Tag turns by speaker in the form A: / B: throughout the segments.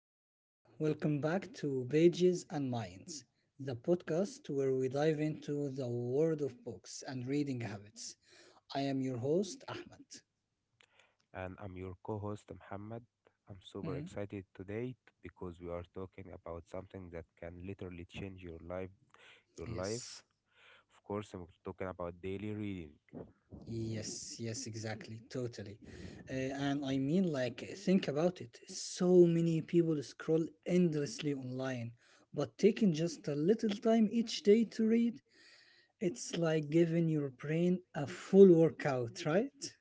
A: everyone, welcome back to Pages and Minds, the podcast where we dive into the world of books and reading habits. I am your host, Ahmed.
B: And I'm your co host Muhammad. I'm
A: Mhm.
B: super excited today because we are talking about something that can literally change your life. Your life,
A: Yes,
B: of course, I'm talking about daily reading.
A: yes, exactly, totally. And I mean, like, think about it. So many people scroll endlessly online, but taking just a little time each day to read, it's like giving your brain a full workout, right?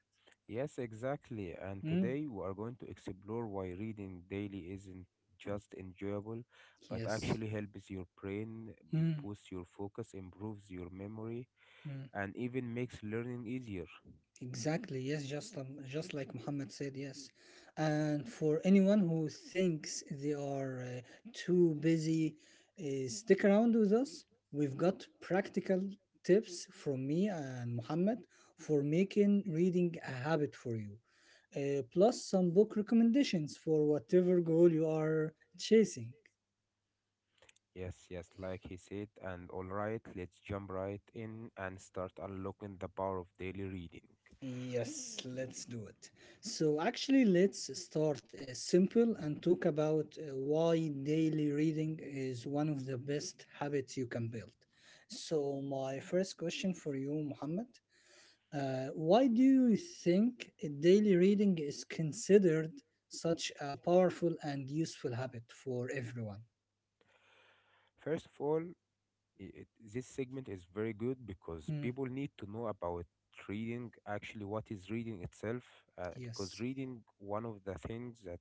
B: Yes, exactly. And
A: Mm.
B: today we are going to explore why reading daily isn't just enjoyable but
A: Yes.
B: actually helps your brain, boosts your focus, improves your memory,
A: Mm.
B: and even makes learning easier.
A: Exactly. Yes, just like Muhammad said. Yes, and for anyone who thinks they are too busy, stick around with us. We've got practical tips from me and Muhammad for making reading a habit for you. Plus some book recommendations for whatever goal you are chasing.
B: Yes, yes, like he said, and all right, let's jump right in and start unlocking the power of daily reading.
A: Yes, let's do it. So, actually, let's start simple and talk about why daily reading is one of the best habits you can build. So, my first question for you, Muhammad, why do you think daily reading is considered such a powerful and useful habit for everyone?
B: First of all, this segment is very good because
A: Hmm,
B: people need to know about reading, actually, what is reading itself, because
A: yes.
B: reading, one of the things that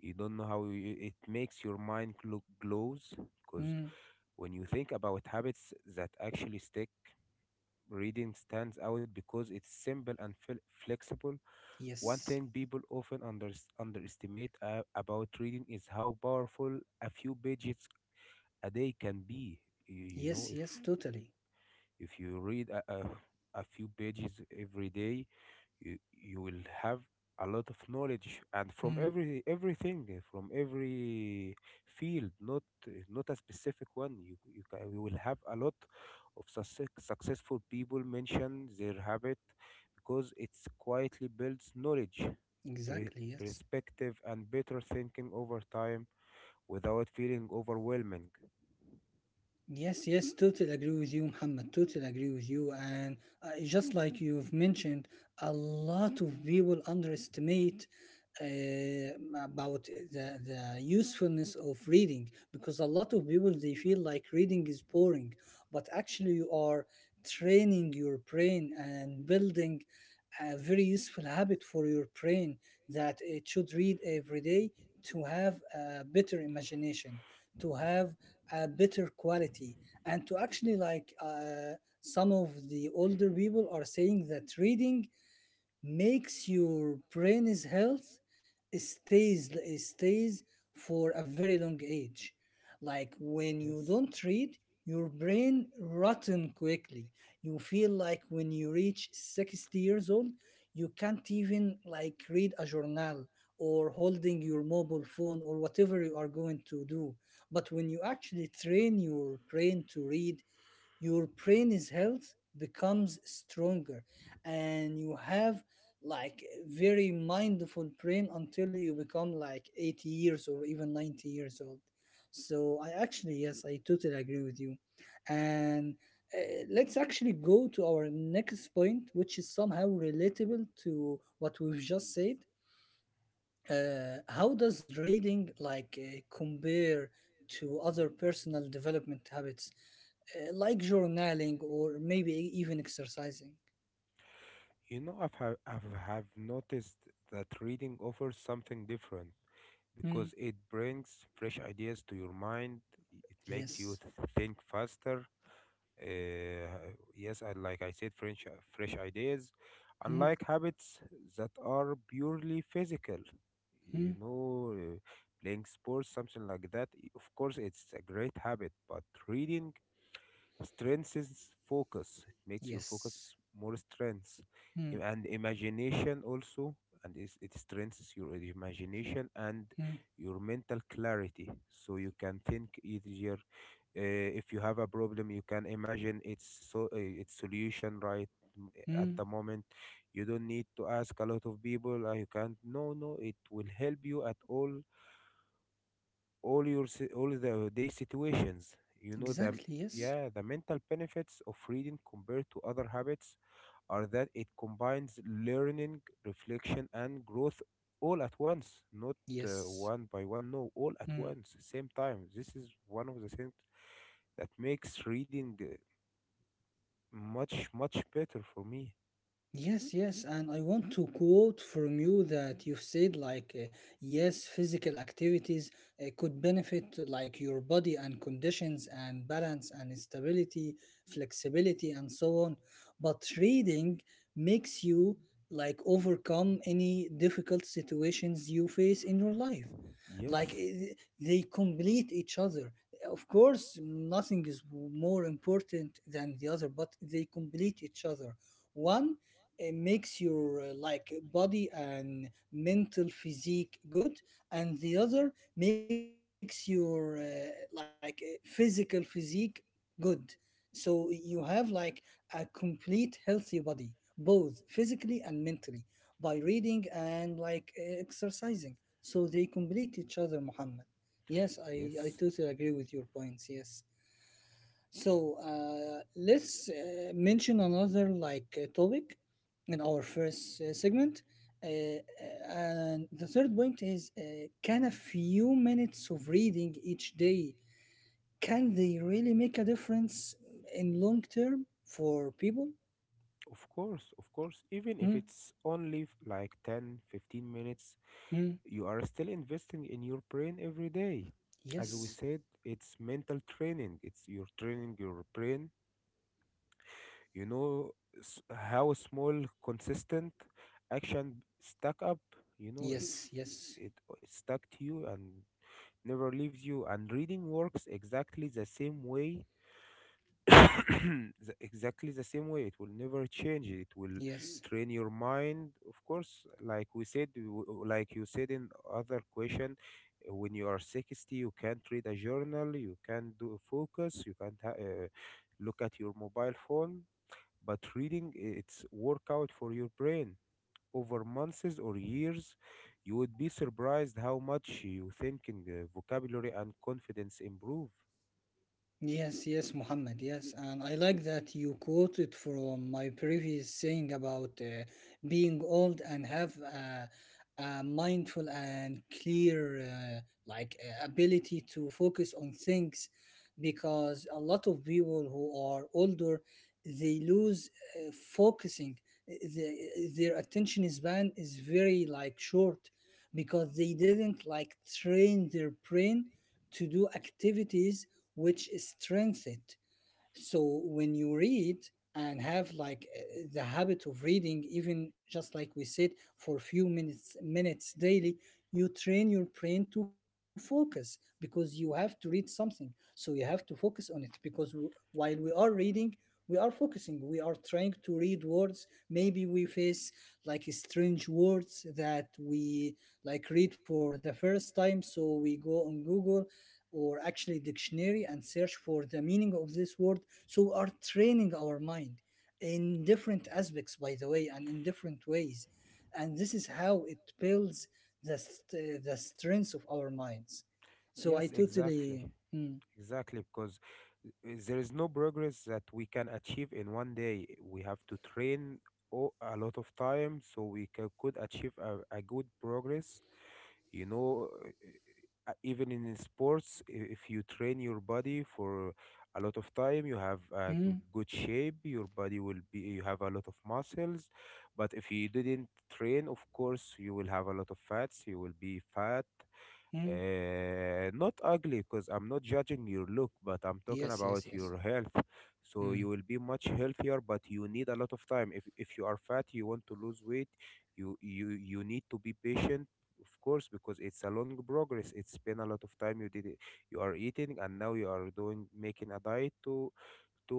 B: you don't know how you, it makes your mind glows, because
A: Hmm,
B: when you think about habits that actually stick, reading stands out because it's simple and flexible. One
A: yes.
B: thing people often underestimate about reading is how powerful a few pages a day can be. You know,
A: Yes,
B: if
A: yes, totally.
B: if you read a few pages every day, you will have a lot of knowledge and from
A: Hmm,
B: everything, from every field, not not a specific one. You will have a lot of successful people mention their habit because it quietly builds knowledge, pre-
A: exactly, yes.
B: perspective and better thinking over time without feeling overwhelming.
A: Yes, yes, totally agree with you, Muhammad. Totally agree with you. And just like you've mentioned, a lot of people underestimate uh, about the usefulness of reading because a lot of people they feel like reading is boring, but actually you are training your brain and building a very useful habit for your brain that it should read every day to have a better imagination, to have a better quality, and to actually like, some of the older people are saying that reading makes your brain's health stays stays for a very long age. Like, when you
B: Yes,
A: don't read, your brain rotten quickly. You feel like when you reach 60 years old, you can't even like read a journal or holding your mobile phone or whatever you are going to do. But when you actually train your brain to read, your brain is health becomes stronger, and you have like very mindful brain until you become like 80 years or even 90 years old. So I actually, yes, I totally agree with you. And let's actually go to our next point, which is somehow relatable to what we've just said. How does reading like compare to other personal development habits, like journaling or maybe even exercising?
B: you know, I've have noticed that reading offers something different,
A: Mm,
B: because it brings fresh ideas to your mind. It makes you
A: yes.
B: think faster. Uh, yes, and like I said, fresh ideas,
A: Mm,
B: unlike habits that are purely physical. You
A: mm,
B: know, uh, playing sports, something like that. Of course, it's a great habit, but reading strengthens focus, it makes your focus
A: yes.
B: more strengths. Im-
A: Mm,
B: and imagination also, and it strengthens your imagination and
A: mm,
B: your mental clarity so you can think easier. uh, if you have a problem, you can imagine its solution, right, m- at the
A: mm.
B: moment. You don't need to ask a lot of people. You can't, no, no, it will help you at all your all the day situations, you know. the
A: Exactly. Yes.
B: yeah the mental benefits of reading compared to other habits are that it combines learning, reflection and growth all at once, not one by one, no, all at
A: Yes.
B: once, same time. This is one of the things that makes reading much much better for me.
A: Yes, yes, and I want to quote from you that you've said like, yes, physical activities could benefit like your body and conditions and balance and stability, flexibility and so on, but reading makes you like overcome any difficult situations you face in your life. Like,
B: Yes,
A: eh, they complete each other. Of course nothing is more important than the other, but they complete each other. One, eh, makes your, eh, like body and mental physique good, and the other makes your, eh, like, eh, physical physique good. So you have like a complete healthy body, both physically and mentally, by reading and like, eh, exercising. So they complete each other, Muhammad. Yes, I
B: yes,
A: totally agree with your points. Yes. So let's mention another like topic in our first segment. And the third point is, can a few minutes of reading each day, can they really make a difference in long term for people?
B: of course, of course, even if
A: Hmm,
B: it's only like 10, 15 minutes,
A: hmm.
B: you are still investing in your brain every day. As we
A: Yes,
B: said, it's mental training, it's you're training your brain. You know, how small consistent action stack up, you know. If
A: yes, yes,
B: it stack to you and never leaves you, and reading works exactly the same way. Exactly the same way, it will never change, it will
A: yes.
B: train your mind, of course. Like we said, like you said in other question, when you are 60, you can't read a journal, you can't do a focus, you can't look at your mobile phone. But reading, it's workout for your brain. Over months or years, you would be surprised how much you thinking in vocabulary and confidence improve.
A: Yes, yes, Muhammad, yes. And I like that you quoted from my previous saying about being old and have a mindful and clear like ability to focus on things, because a lot of people who are older, they lose uh, focusing. The, their attention span is very like short because they didn't like train their brain to do activities which strengthened. So when you read and have like, the habit of reading, even just like we said, for a few minutes daily, you train your brain to focus because you have to read something. So you have to focus on it because while we are reading, we are focusing. We are trying to read words. Maybe we face like strange words that we like read for the first time. So we go on Google or actually dictionary and search for the meaning of this word, so we are training our mind in different aspects by the way and in different ways, and this is how it builds the strength of our minds. So I
B: Yes,
A: totally.
B: exactly.
A: mm,
B: Exactly, because there is no progress that we can achieve in 1 day. We have to train a lot of time so we could achieve a good progress. You know, even in sports, if you train your body for a lot of time, you have a
A: mm,
B: good shape, your body will be, you have a lot of muscles. But if you didn't train, of course, you will have a lot of fats, you will be fat.
A: mm.
B: Not ugly, because I'm not judging your look, but I'm talking
A: Yes, yes,
B: about
A: yes.
B: your health. So
A: Mm.
B: you will be much healthier, but you need a lot of time. If you are fat, you want to lose weight, you need to be patient, of course, because it's a long progress. It's been a lot of time you did it. You are eating, and now you are doing making a diet to to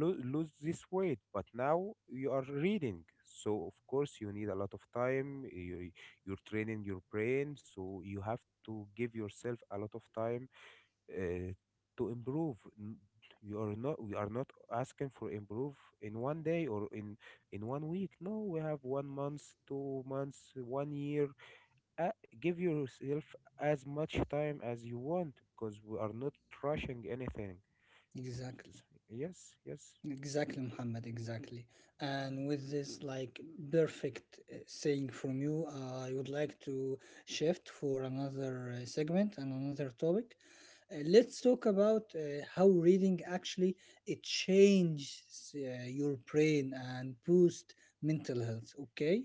B: lo- lose this weight. But now you are reading, so of course you need a lot of time. You're training your brain, so you have to give yourself a lot of time uh, to improve. You are not, we are not asking for improve in 1 day or in 1 week, no, we have 1 month, 2 months, 1 year. uh, Give yourself as much time as you want, because we are not rushing anything. S-
A: Exactly.
B: yes, yes.
A: Exactly, Muhammad, exactly. And with this like perfect saying from you, I would like to shift for another segment and another topic. Let's talk about how reading actually it changes your brain and boost mental health, okay?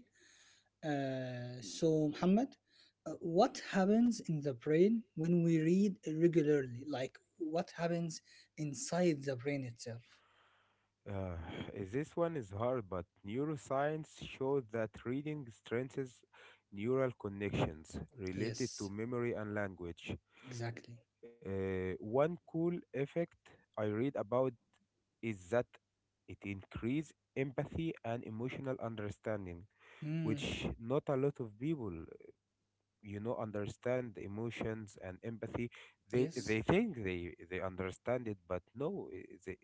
A: So, Muhammad, what happens in the brain when we read regularly? Like what happens inside the brain itself?
B: Uh, this one is hard, but neuroscience shows that reading strengthens neural connections related
A: Yes,
B: to memory and language.
A: exactly.
B: One cool effect I read about is that it increases empathy and emotional understanding,
A: Hmm.
B: which not a lot of people, you know, understand the emotions and empathy. they
A: Yes.
B: they think they understand it, but no, they,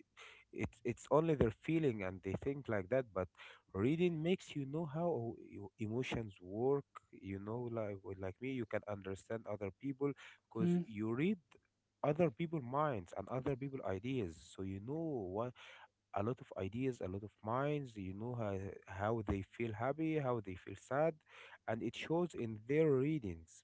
B: it's only their feeling and they think like that. But reading makes you know how your emotions work, you know, like me, you can understand other people because
A: Hmm.
B: you read other people minds and other people ideas, so you know what, a lot of ideas, a lot of minds. You know how they feel happy, how they feel sad, and it shows in their readings.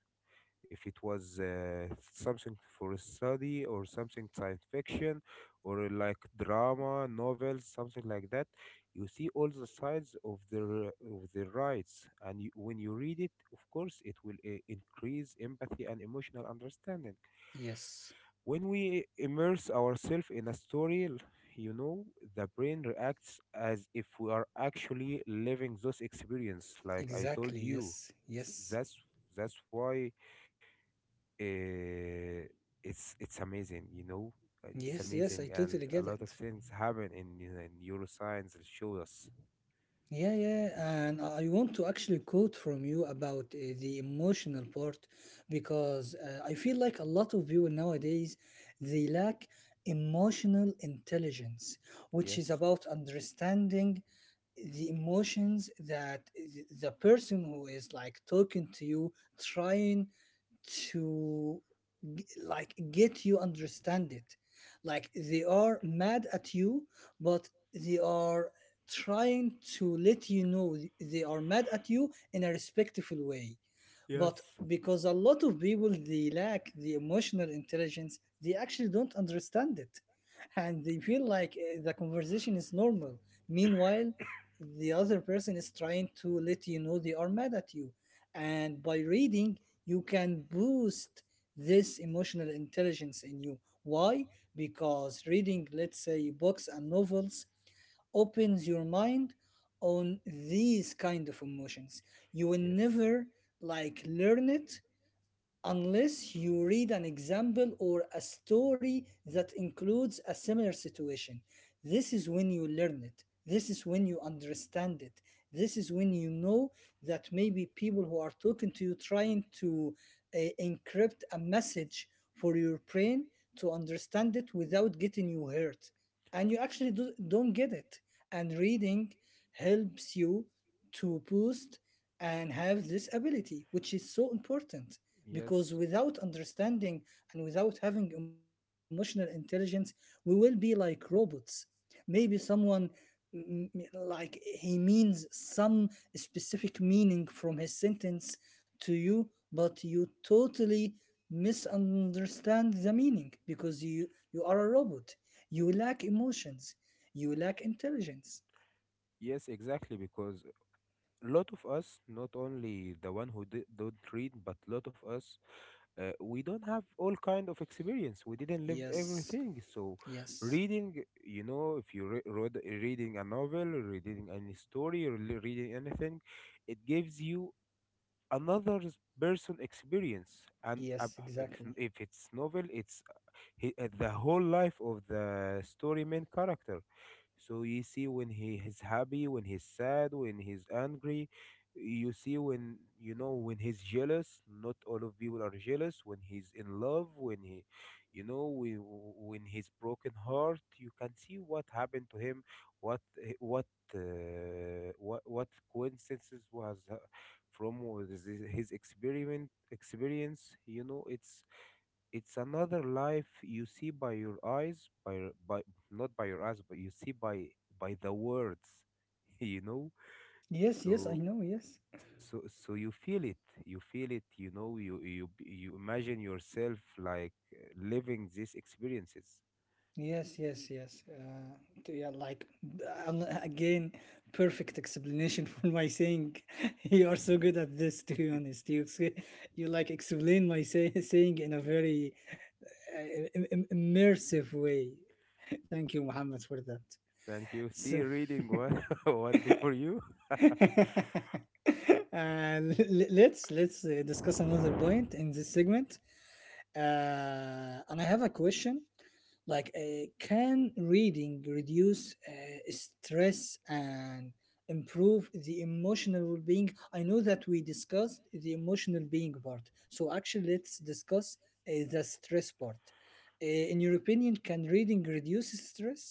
B: If it was something for a study or something science fiction or like drama, novels, something like that, you see all the sides of their rights, and you, when you read it, of course, it will increase empathy and emotional understanding.
A: Yes,
B: When we immerse ourselves in a story, you know, the brain reacts as if we are actually living those experience. Like I told
A: exactly.
B: you,
A: yes
B: S-
A: yes
B: that's that's why uh, it's amazing. You know, it's
A: yes yes
B: amazing,
A: I
B: and
A: totally
B: a
A: get
B: lot of
A: it.
B: things happen in neuroscience that show us.
A: Yeah, and I want to actually quote from you about the emotional part, because I feel like a lot of people nowadays, they lack emotional intelligence, which is
B: Yes.
A: about understanding the emotions that the person who is like talking to you trying to like get you understand it. Like, they are mad at you, but they are trying to let you know they are mad at you in a respectful way. But
B: Yes.
A: because a lot of people they lack the emotional intelligence, they actually don't understand it, and they feel like the conversation is normal. Meanwhile, the other person is trying to let you know they are mad at you. And by reading, you can boost this emotional intelligence in you. Why? Because reading, let's say books and novels, opens your mind on these kind of emotions. You will
B: Yes.
A: never like learn it unless you read an example or a story that includes a similar situation. This is when you learn it. This is when you understand it. This is when you know that maybe people who are talking to you trying to encrypt a message for your brain to understand it without getting you hurt. And you actually do, don't get it. And reading helps you to boost and have this ability, which is so important, because
B: Yes.
A: without understanding and without having emotional intelligence, we will be like robots. Maybe someone, like, he means some specific meaning from his sentence to you, but you totally misunderstand the meaning because you are a robot. You lack emotions. You lack intelligence.
B: Yes, exactly, because a lot of us, not only the one who don't read, but a lot of us, we don't have all kind of experience. We didn't live
A: Yes,
B: everything. So,
A: yes.
B: reading, you know, if you read reading a novel, reading any story, or reading anything, it gives you another person experience. And
A: Yes,
B: if
A: exactly.
B: it's novel, it's the whole life of the story main character. So you see when he is happy, when he's sad, when he's angry. You see when you know when he's jealous. Not all of people are jealous. When he's in love, when he, you know, when he's broken heart, you can see what happened to him, what he- what coincidences was from was his experiment experience. You know, it's another life you see by your eyes by by, not by your eyes but you see by the words you know.
A: Yes, yes, I
B: so
A: know. Yes.
B: so so you feel it, you feel it, you know, you imagine yourself like living these experiences.
A: Yes Yeah, like, again, perfect explanation for my saying. You are so good at this, to be honest. You like explain my saying in a very immersive way. Thank you, Muhammad, for that.
B: Thank you.
A: So.
B: See reading what what do for you.
A: Let's discuss another point in this segment. And I have a question, like, can reading reduce stress and improve the emotional well being? I know that we discussed the emotional being part. So, actually, let's discuss the stress part. In your opinion, can reading reduce stress?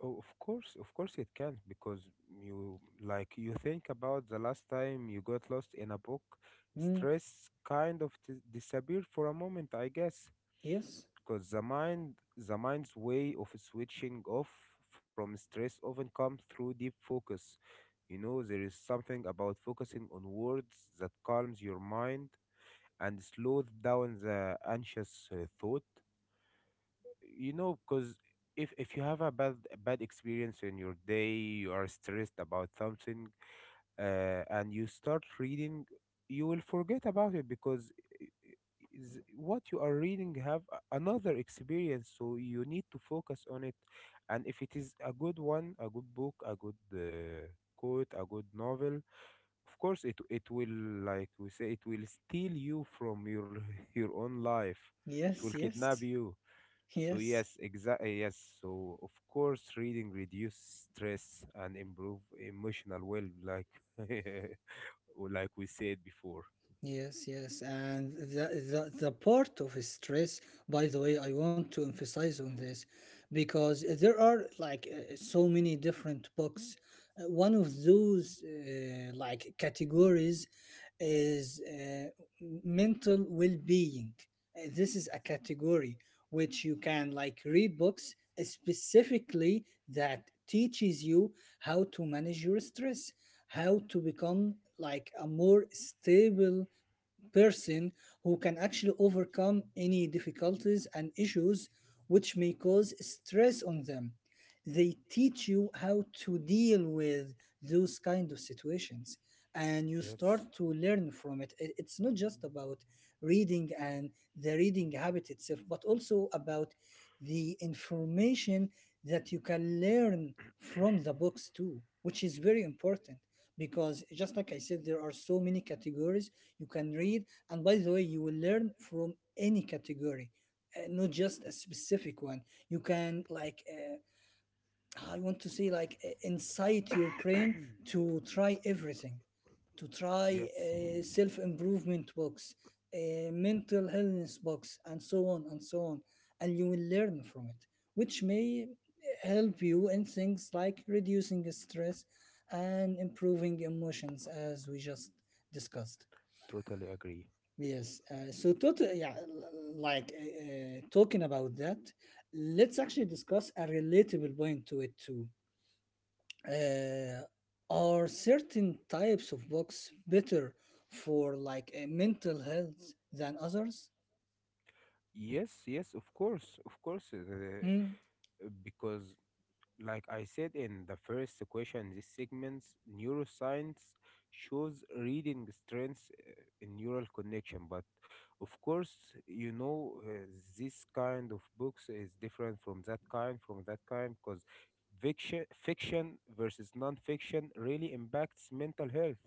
B: Oh, of course it can, because you like you think about the last time you got lost in a book,
A: Mm,
B: stress kind of disappeared for a moment, I guess,
A: yes,
B: because the mind's way of switching off from stress often comes through deep focus. You know, there is something about focusing on words that calms your mind and slows down the anxious thought, you know, because if you have a bad experience in your day, you are stressed about something, and you start reading, you will forget about it, because is what you are reading have another experience, so you need to focus on it. And if it is a good one, a good book, a good quote, a good novel, of course it will, like we say, it will steal you from your your own life, it will
A: yes, yes,
B: kidnap you. So
A: yes.
B: yes, exactly. Yes. So of course, reading reduce stress and improve emotional well, like or like we said before.
A: Yes, yes, and the part of stress, by the way, I want to emphasize on this, because there are like so many different books. One of those like categories is mental well-being. This is a category which you can like read books specifically that teaches you how to manage your stress, how to become like a more stable person who can actually overcome any difficulties and issues which may cause stress on them. They teach you how to deal with those kind of situations, and you start
B: Yes.
A: to learn from it. It's not just about reading and the reading habit itself, but also about the information that you can learn from the books too, which is very important, because just like I said, there are so many categories you can read, and by the way you will learn from any category, not just a specific one. You can like, I want to say like, incite your brain to try everything, to try
B: Yes.
A: self-improvement books, mental illness books and so on and so on, and you will learn from it, which may help you in things like reducing stress and improving emotions as we just discussed.
B: Totally agree.
A: Yes. Yeah, like talking about that, let's actually discuss a relatable point to it too. Uh, are certain types of books better for like mental health than others?
B: Yes. Yes. Of course. Of course.
A: Mm,
B: Because like I said in the first question, this segment, neuroscience shows reading strengths in neural connection. But of course, you know, this kind of books is different from that kind, because fiction versus non-fiction really impacts mental health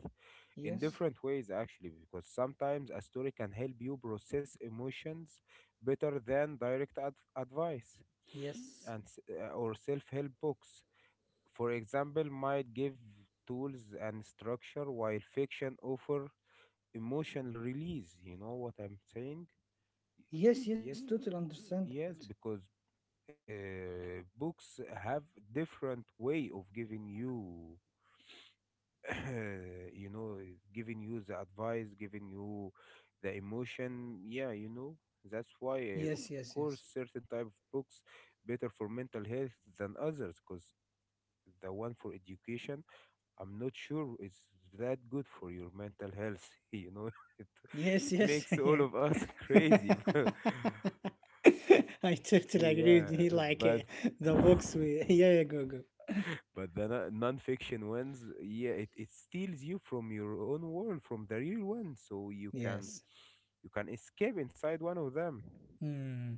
B: in
A: yes.
B: different ways, actually, because sometimes a story can help you process emotions better than direct advice.
A: Yes.
B: Or self-help books, for example, might give tools and structure while fiction offer emotional release. You know what I'm saying?
A: Yes. Yes. Totally
B: Yes,
A: understand it.
B: yes, because books have different way of giving you, you know, giving you the advice, giving you the emotion. Yeah, you know, that's why,
A: Yes.
B: uh, of
A: Yes. Yes.
B: course, certain type of books better for mental health than others, because the one for education I'm not sure it's that good for your mental health. You know, it
A: Yes.
B: it
A: Yes.
B: makes all
A: Yeah.
B: of us crazy.
A: I totally agree
B: yeah,
A: with you.
B: but
A: The books we. Yeah. Yeah. Go. Go.
B: but the non-fiction ones, yeah, it steals you from your own world, from the real one, so you can
A: Yes.
B: you can escape inside one of them,
A: Hmm.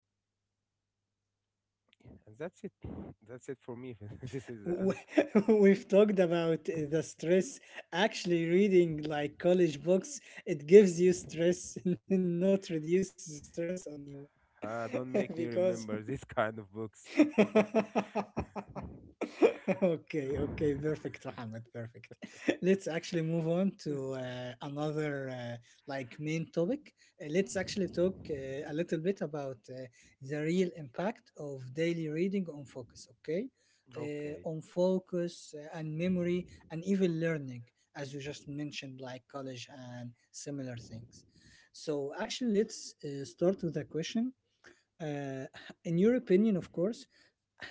A: And yeah, about the studying
B: and that's
A: works,
B: it. That's
A: like
B: it for me.
A: I,
B: This is the
A: w-
B: answer.
A: we've talked about the stress. Actually, reading like college books, it gives you stress, not reduces stress on you.
B: Ah, don't make me
A: because
B: remember this kind of books.
A: Okay, perfect, Mohammed, perfect. Let's actually move on to another uh, like main topic. Let's actually talk a little bit about the real impact of daily reading on focus. Okay,
B: Okay.
A: on focus and memory and even learning, as you just mentioned, like college and similar things. So actually, let's start with a question. Uh, in your opinion, of course,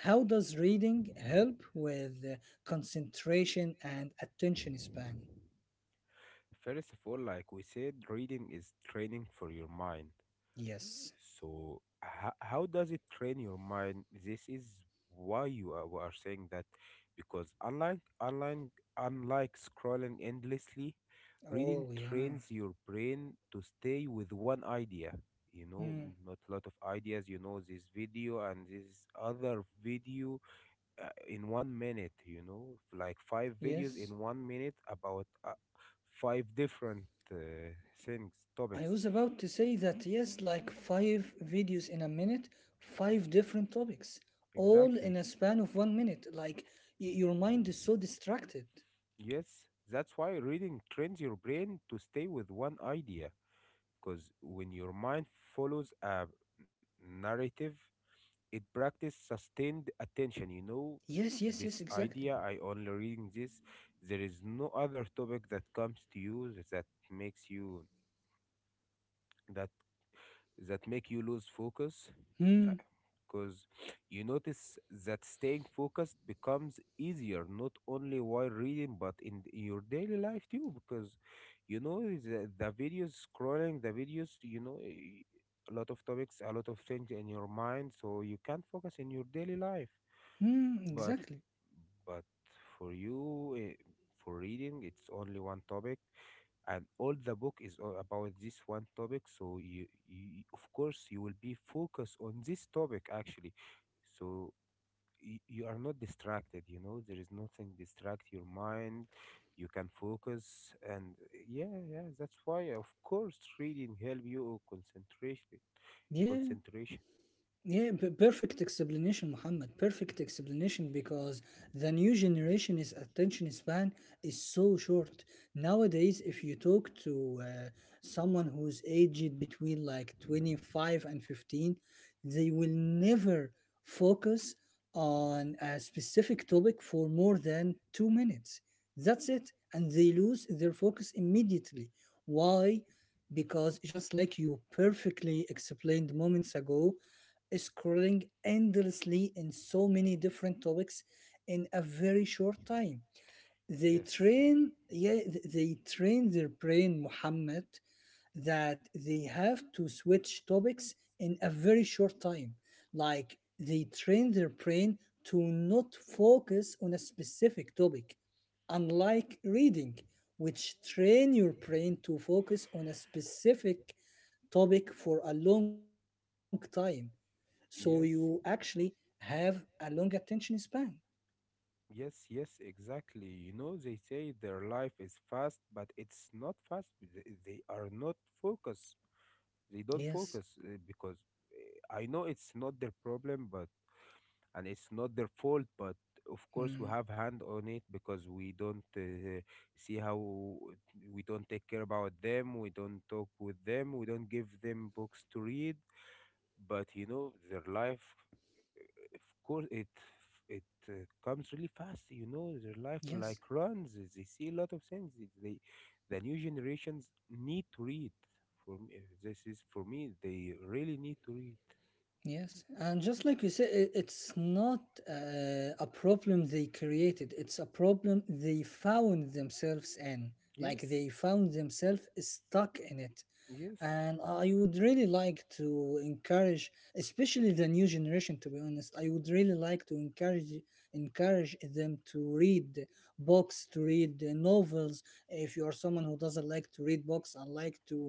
A: how does reading help with concentration and attention span?
B: First of all, like we said, reading is training for your mind.
A: Yes.
B: So, how does it train your mind? This is why we are saying that because unlike scrolling endlessly, reading
A: Oh, yeah.
B: trains your brain to stay with one idea. You know,
A: Mm,
B: not a lot of ideas. You know, this video and this other video in 1 minute, you know, like five videos
A: yes.
B: in 1 minute about five different uh, things,
A: I
B: topics.
A: was about to say that, yes, like five videos in a minute, five different topics, all in
B: Exactly.
A: a span of 1 minute. Your mind is so distracted.
B: Yes, that's why reading trains your brain to stay with one idea. Because when your mind follows a narrative, it practice sustained attention. You know,
A: Yes, yes, yes,
B: this
A: exactly.
B: idea, I only reading this. There is no other topic that comes to you that makes you that that make you lose focus
A: Hmm,
B: because you notice that staying focused becomes easier not only while reading but in your daily life too because you know the videos scrolling the videos you know a lot of topics a lot of things in your mind so you can't focus in your daily life
A: hmm,
B: but
A: exactly.
B: but for you, for reading, it's only one topic, and all the book is all about this one topic. So you of course, you will be focused on this topic actually. So you are not distracted. You know, there is nothing distract your mind. You can focus, and yeah, yeah, that's why, of course, reading help you concentration in
A: Yeah,
B: concentration.
A: yeah, perfect explanation, Muhammad. Perfect explanation because the new generation's attention span is so short. Nowadays, if you talk to someone who's aged between like 25 and 15, they will never focus on a specific topic for more than 2 minutes. That's it. And they lose their focus immediately. Why? Because just like you perfectly explained moments ago, scrolling endlessly in so many different topics in a very short time. They train, yeah, they train their brain, Muhammad, that they have to switch topics in a very short time. Like they train their brain to not focus on a specific topic, unlike reading, which train your brain to focus on a specific topic for a long time. So you
B: Yes.
A: actually have a long attention span.
B: Yes, yes, exactly. You know, they say their life is fast, but it's not fast. They are not focused. They don't
A: Yes.
B: focus because I know it's not their problem, but and it's not their fault. But of course, we
A: Mm,
B: have hand on it because we don't see how we don't take care about them. We don't talk with them. We don't give them books to read but you know their life of course it comes really fast. You know their life like
A: yes.
B: runs. They see a lot of things the new generations need to read. For me this is for me they really need to read.
A: Yes. And just like you said, it's not a problem they created, it's a problem they found themselves in. Like
B: Yes,
A: they found themselves stuck in it.
B: yes,
A: And I would really like to encourage, especially the new generation. To be honest, I would really like to encourage them to read books, to read novels. If you are someone who doesn't like to read books and like to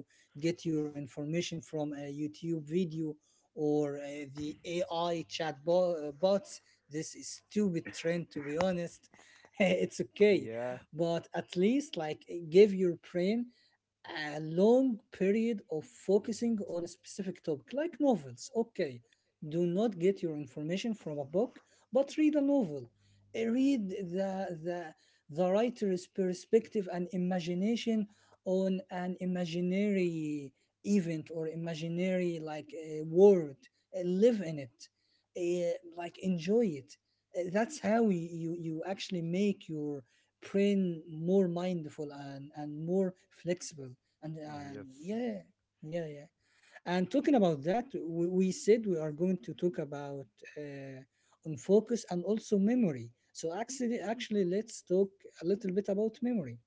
A: get your information from a YouTube video or the AI bots, this is stupid trend. To be honest, it's okay,
B: yeah,
A: but at least like give your brain a long period of focusing on a specific topic, like novels. Okay, do not get your information from a book, but read a novel. Read the the writer's perspective and imagination on an imaginary event or imaginary like a world. Live in it. Like enjoy it. That's how you actually make your brain more mindful and more flexible and
B: yes.
A: yeah yeah yeah and talking about that we said we are going to talk about uh, on focus and also memory so actually let's talk a little bit about memory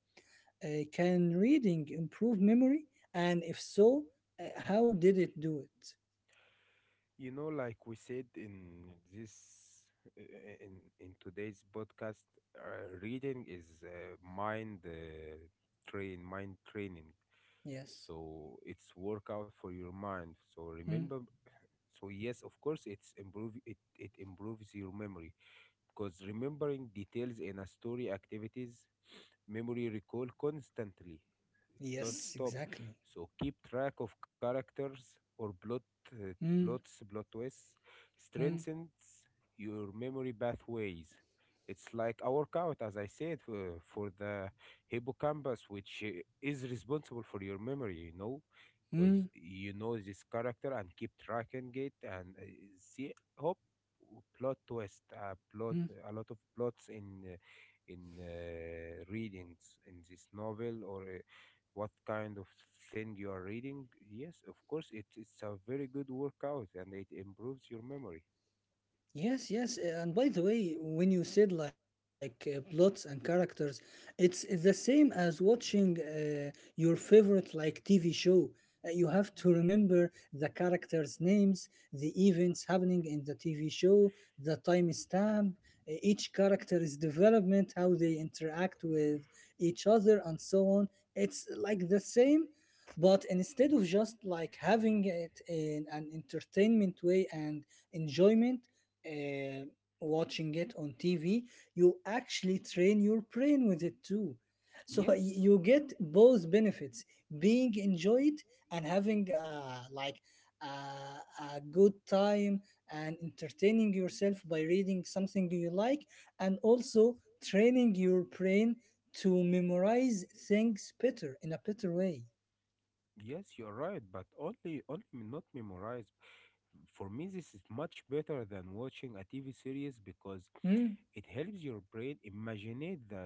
A: can reading improve memory and if so how did it do it
B: You know, like we said in this in today's podcast, reading is mind train mind training.
A: yes.
B: So it's workout for your mind. So
A: Mm.
B: remember, so yes, of course, it improves your memory because remembering details in a story activities memory recall constantly, don't
A: Yes
B: stop.
A: exactly.
B: So keep track of characters or plot uh,
A: Mm,
B: plots, plot twists.
A: mm,
B: Strengthens your memory pathways. It's like a workout, as I said, for the hippocampus, which is responsible for your memory. You know, because
A: mm,
B: you know this character and keep tracking it and see hope plot twist plot
A: mm.
B: a lot of plots in readings in this novel or what kind of thing you are reading. Yes, of course, it's a very good workout and it improves your memory.
A: Yes, yes, and by the way, when you said like plots and characters, it's the same as watching your favorite like TV show. You have to remember the characters' names, the events happening in the TV show, the timestamp, each character's development, how they interact with each other, and so on. It's like the same, but instead of just like having it in an entertainment way and enjoyment uh, watching it on TV, you actually train your brain with it too. So
B: Yes,
A: you get both benefits: being enjoyed and having like uh, a good time and entertaining yourself by reading something you like, and also training your brain to memorize things better in a better way.
B: yes, you are right, but only not memorize. For me, this is much better than watching a TV series because
A: Hmm?
B: it helps your brain imagine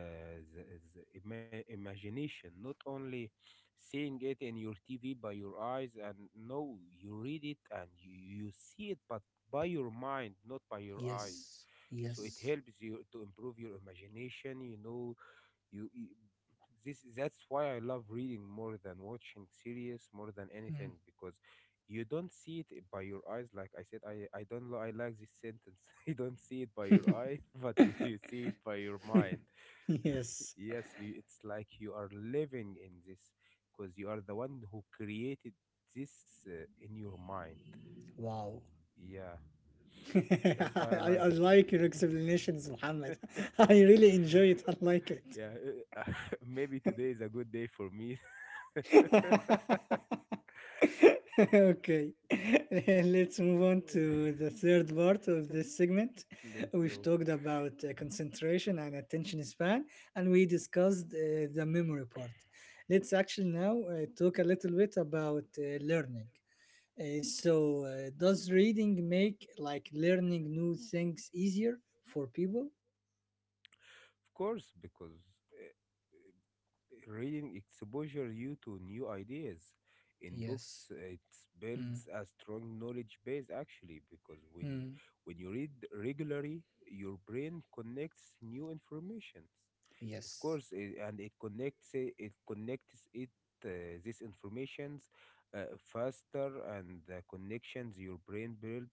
B: the, the imagination, not only seeing it in your TV by your eyes and no, you read it and you see it, but by your mind, not by your eyes.
A: Yes.
B: So it
A: Yes.
B: helps you to improve your imagination, you know, you this that's why I love reading more than watching series more than
A: Hmm.
B: anything because you don't see it by your eyes like I said I don't li- I like this sentence. You don't see it by your eye, but you see it by your mind.
A: yes.
B: Yes, you, it's like you are living in this because you are the one who created this in your mind.
A: Wow.
B: Yeah, that's why I
A: I
B: like it.
A: like your explanations, Muhammad. I really enjoy it. I like it.
B: Yeah, uh, maybe today is a good day for me.
A: okay, let's move on to the third part of this segment.
B: Let's
A: We've
B: go.
A: talked about concentration and attention span, and
B: Attention
A: we discussed the memory part. Let's actually now talk a little bit about learning. So, does reading make like learning new things easier for people?
B: span. Of course, because uh, reading exposures you to new ideas. In
A: Yes.
B: books, it
A: Mm.
B: builds a strong knowledge base actually, because when
A: Mm.
B: when you read regularly, your brain connects new information. Of
A: Yes.
B: course, eh, and it connects it these informations faster, and the connections your brain build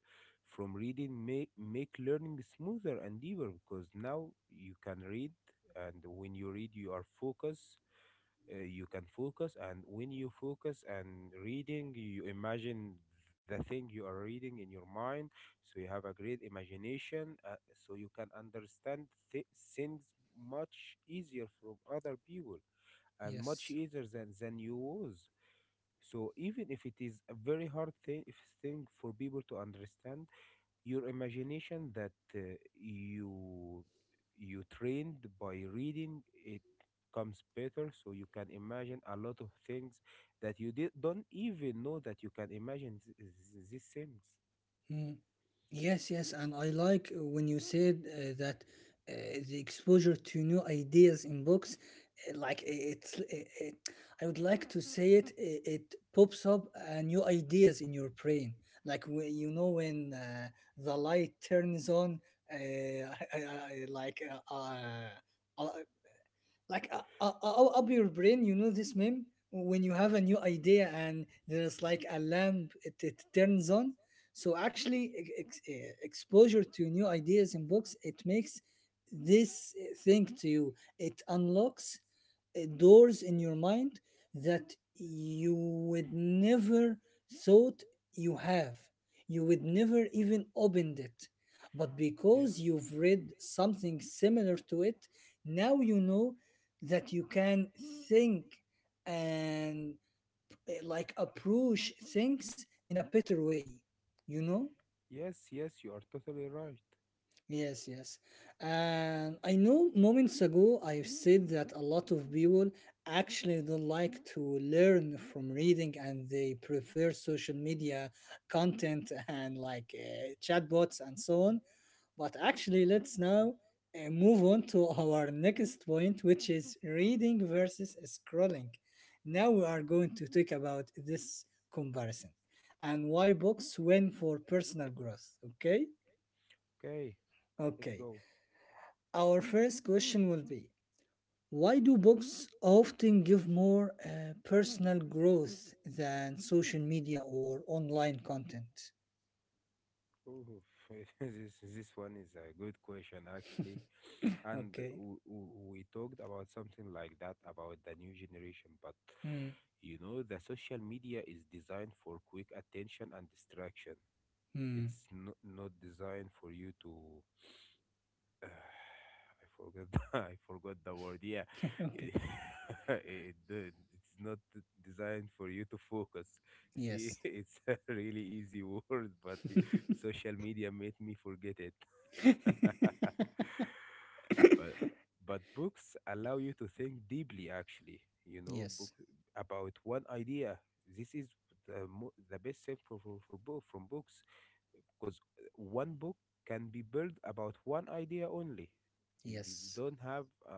B: from reading make make learning smoother and deeper because now you can read, and when you read, you are focused. You can focus, and when you focus and reading you imagine the thing you are reading in your mind so you have a great imagination. So you can understand th- things much easier from other people and much
A: Yes.
B: easier than you was. So even if it is a very hard thing if thing for people to understand your imagination that you you trained by reading it comes better so you can imagine a lot of things that don't even know that you can imagine these things.
A: Mm. Yes, yes. And I like when you said that uh, the exposure to new ideas in books, like I would like to say it, it pops up new ideas in your brain. Like, you know, when the light turns on, uh, I, I, I, like, uh, uh, uh, like up your brain you know this meme when you have a new idea and there's like a lamp it turns on so actually exposure to new ideas in books it makes this thing to you it unlocks doors in your mind that you would never thought you have. You would never even opened it. But
B: Yes,
A: because you've read something similar to it, now you know that you can think and like approach things in a better way, you know?
B: yes, yes, you are totally right.
A: Yes, yes. And I know moments ago I've said that a lot of people actually don't like to learn from reading and they prefer social media content and like chatbots and so on. But actually, let's now move on to our next point, which is reading versus scrolling. Now we are going to talk about this comparison and why books win for personal growth. Okay?
B: Okay, let's
A: Okay.
B: go.
A: Our first question will be: why do books often give more personal growth than social media or online content?
B: Oh, this one is a good question actually, and
A: Okay.
B: we talked about something like that about the new generation, but
A: Hmm.
B: you know the social media is designed for quick attention and distraction.
A: Hmm.
B: It's not designed for you to uh, I forgot. I forgot the word. Yeah,
A: okay.
B: it, it, the- it's not designed for you to focus. See,
A: Yes.
B: it's a really easy word, but the social media made me forget it. But books allow you to think deeply. Actually, you know, book
A: yes.
B: about one idea. This is the best thing for, book from books because one book can be built about one idea only. You
A: Yes.
B: don't have uh,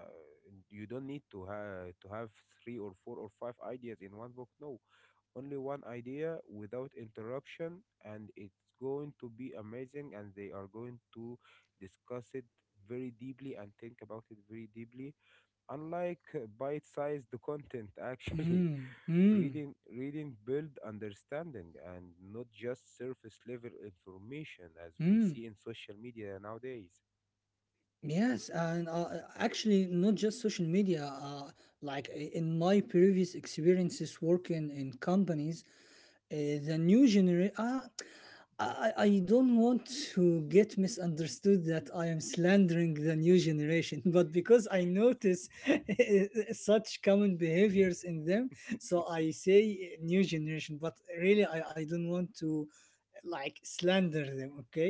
B: you don't need to have three or four or five ideas in one book. No, only one idea without interruption and it's going to be amazing and they are going to discuss it very deeply and think about it very deeply, unlike bite-sized content actually.
A: Hmm. Hmm.
B: Reading build understanding and not just surface level information as we see
A: Hmm.
B: in social media nowadays.
A: Yes, and actually, not just social media. Like in my previous experiences working in companies, the new generation. Ah, I I don't want to get misunderstood that I am slandering the new generation, but because I notice such common behaviors in them, so I say new generation. But really, I don't want to like slander them. Okay,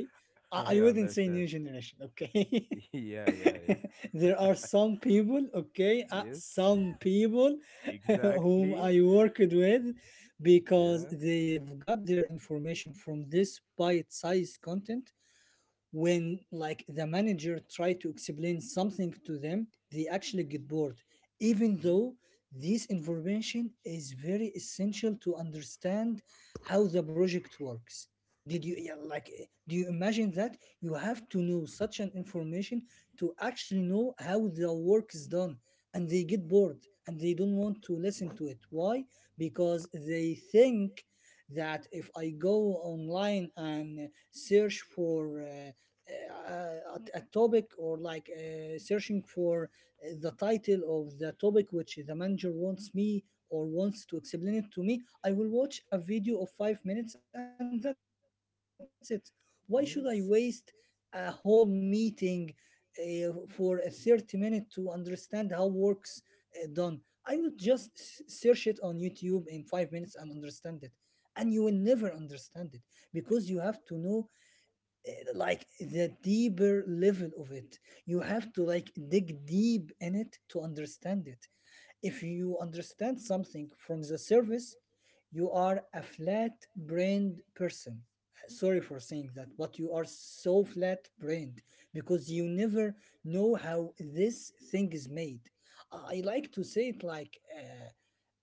B: I
A: I wouldn't say
B: understand.
A: new generation. Okay.
B: Yeah, yeah,
A: there are
B: yeah,
A: some people, okay,
B: yes.
A: some people whom
B: Exactly.
A: I worked with because
B: Yeah.
A: they've got their information from this bite sized content when like the manager try to explain something to them they actually get bored even
B: Hmm?
A: though this information is very essential to understand how the project works did you yeah, like do you imagine that you have to know such an information to actually know how the work is done and they get bored and they don't want to listen to it why because they think that if I go online and search for a topic or like searching for the title of the topic which the manager wants me or wants to explain it to me, I will watch a video of 5 minutes and that's it. Why should I waste a
B: Yes.
A: whole meeting for a 30 minute to understand how works done? I would just search it on YouTube in 5 minutes and understand it. And you will never understand it because you have to know like the deeper level of it you have to like dig deep in it to understand it if you understand something from the surface you are a flat brained person. Sorry for saying that but you are so flat brained because you never know how this thing is made. I like to say it like uh,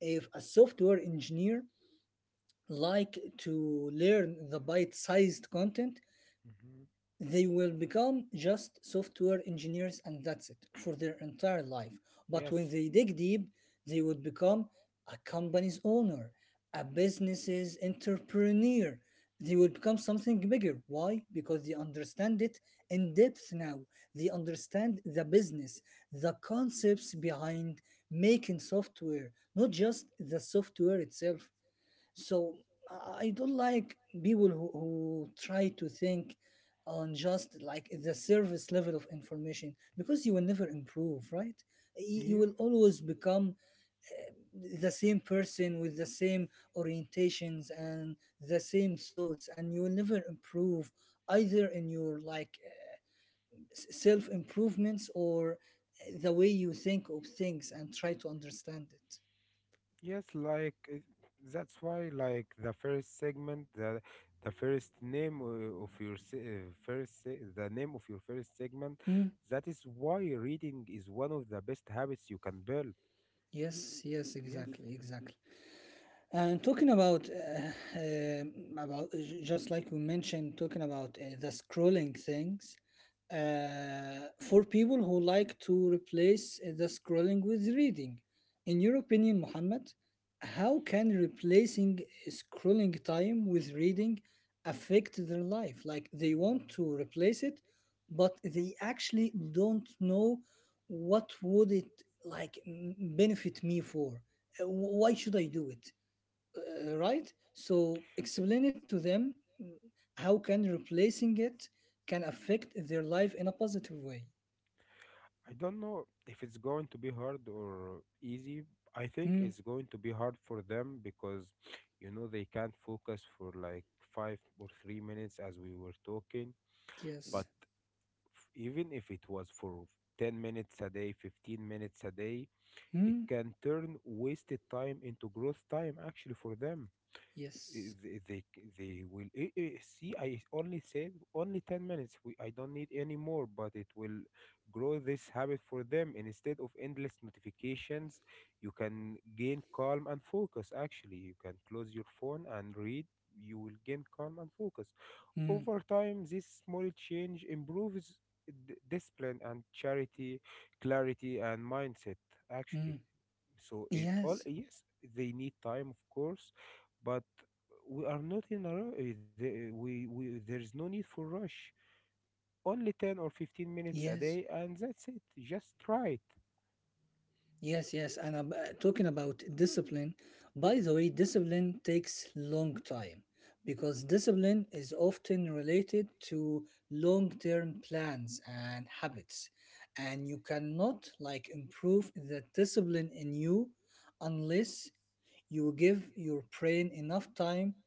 A: if a software engineer like to learn the bite-sized content
B: Hmm.
A: they will become just software engineers and that's it for their entire life. But when
B: Yes.
A: they dig deep, they would become a company's owner, a business's entrepreneur. They will become something bigger. Why? Because they understand it in depth now. They understand the business, the concepts behind making software, not just the software itself. So I don't like people who try to think on just like the service level of information because you will never improve, right?
B: Dig deep,
A: You
B: yeah.
A: will always become the same person with the same orientations and the same thoughts, and you will never improve either in your like self improvements or the way you think of things and try to understand it.
B: Yes, like that's why, like the first segment, the first name of your se- first se- the name of your first segment,
A: Mm,
B: that is why reading is one of the best habits you can build.
A: yes, yes,
B: Yes. Yes.
A: exactly, exactly. And talking about just like we mentioned, talking about the scrolling things, for people who like to replace the scrolling with reading, in your opinion, Muhammad, how can replacing scrolling time with reading affect their life? Like they want to replace it, but they actually don't know what would it like benefit me for. Why should I do it? Right? So explain it to them mm, how can replacing it can affect their life in a positive way.
B: I don't know if it's going to be hard or easy. I think
A: Hmm.
B: it's going to be hard for them because, you know, they can't focus for like 5 or 3 minutes as we were talking. But
A: Yes.
B: even if it was for 10 minutes a day, 15 minutes a day, it
A: Hmm.
B: can turn wasted time into growth time actually for them. Eh,
A: Yes.
B: They will see. I only said only 10 minutes. We, I don't need any more, but it will grow this habit for them. And instead of endless notifications, you can gain calm and focus. Actually, you can close your phone and read. You will gain calm and focus. Over
A: Hmm.
B: time, this small change improves d- discipline and charity, clarity, and mindset. Actually.
A: Hmm.
B: So it all
A: Yes.
B: yes, they need time, of course, but we are not in a ru- eh, the- eh, we there is no need for rush. Only ten or
A: Yes.
B: fifteen minutes a day, and that's it. Just try it.
A: Yes, yes. And I'm talking about discipline. By the way, discipline takes long time because discipline is often related to long-term plans and habits. And you cannot like improve the discipline in you unless you give your brain enough time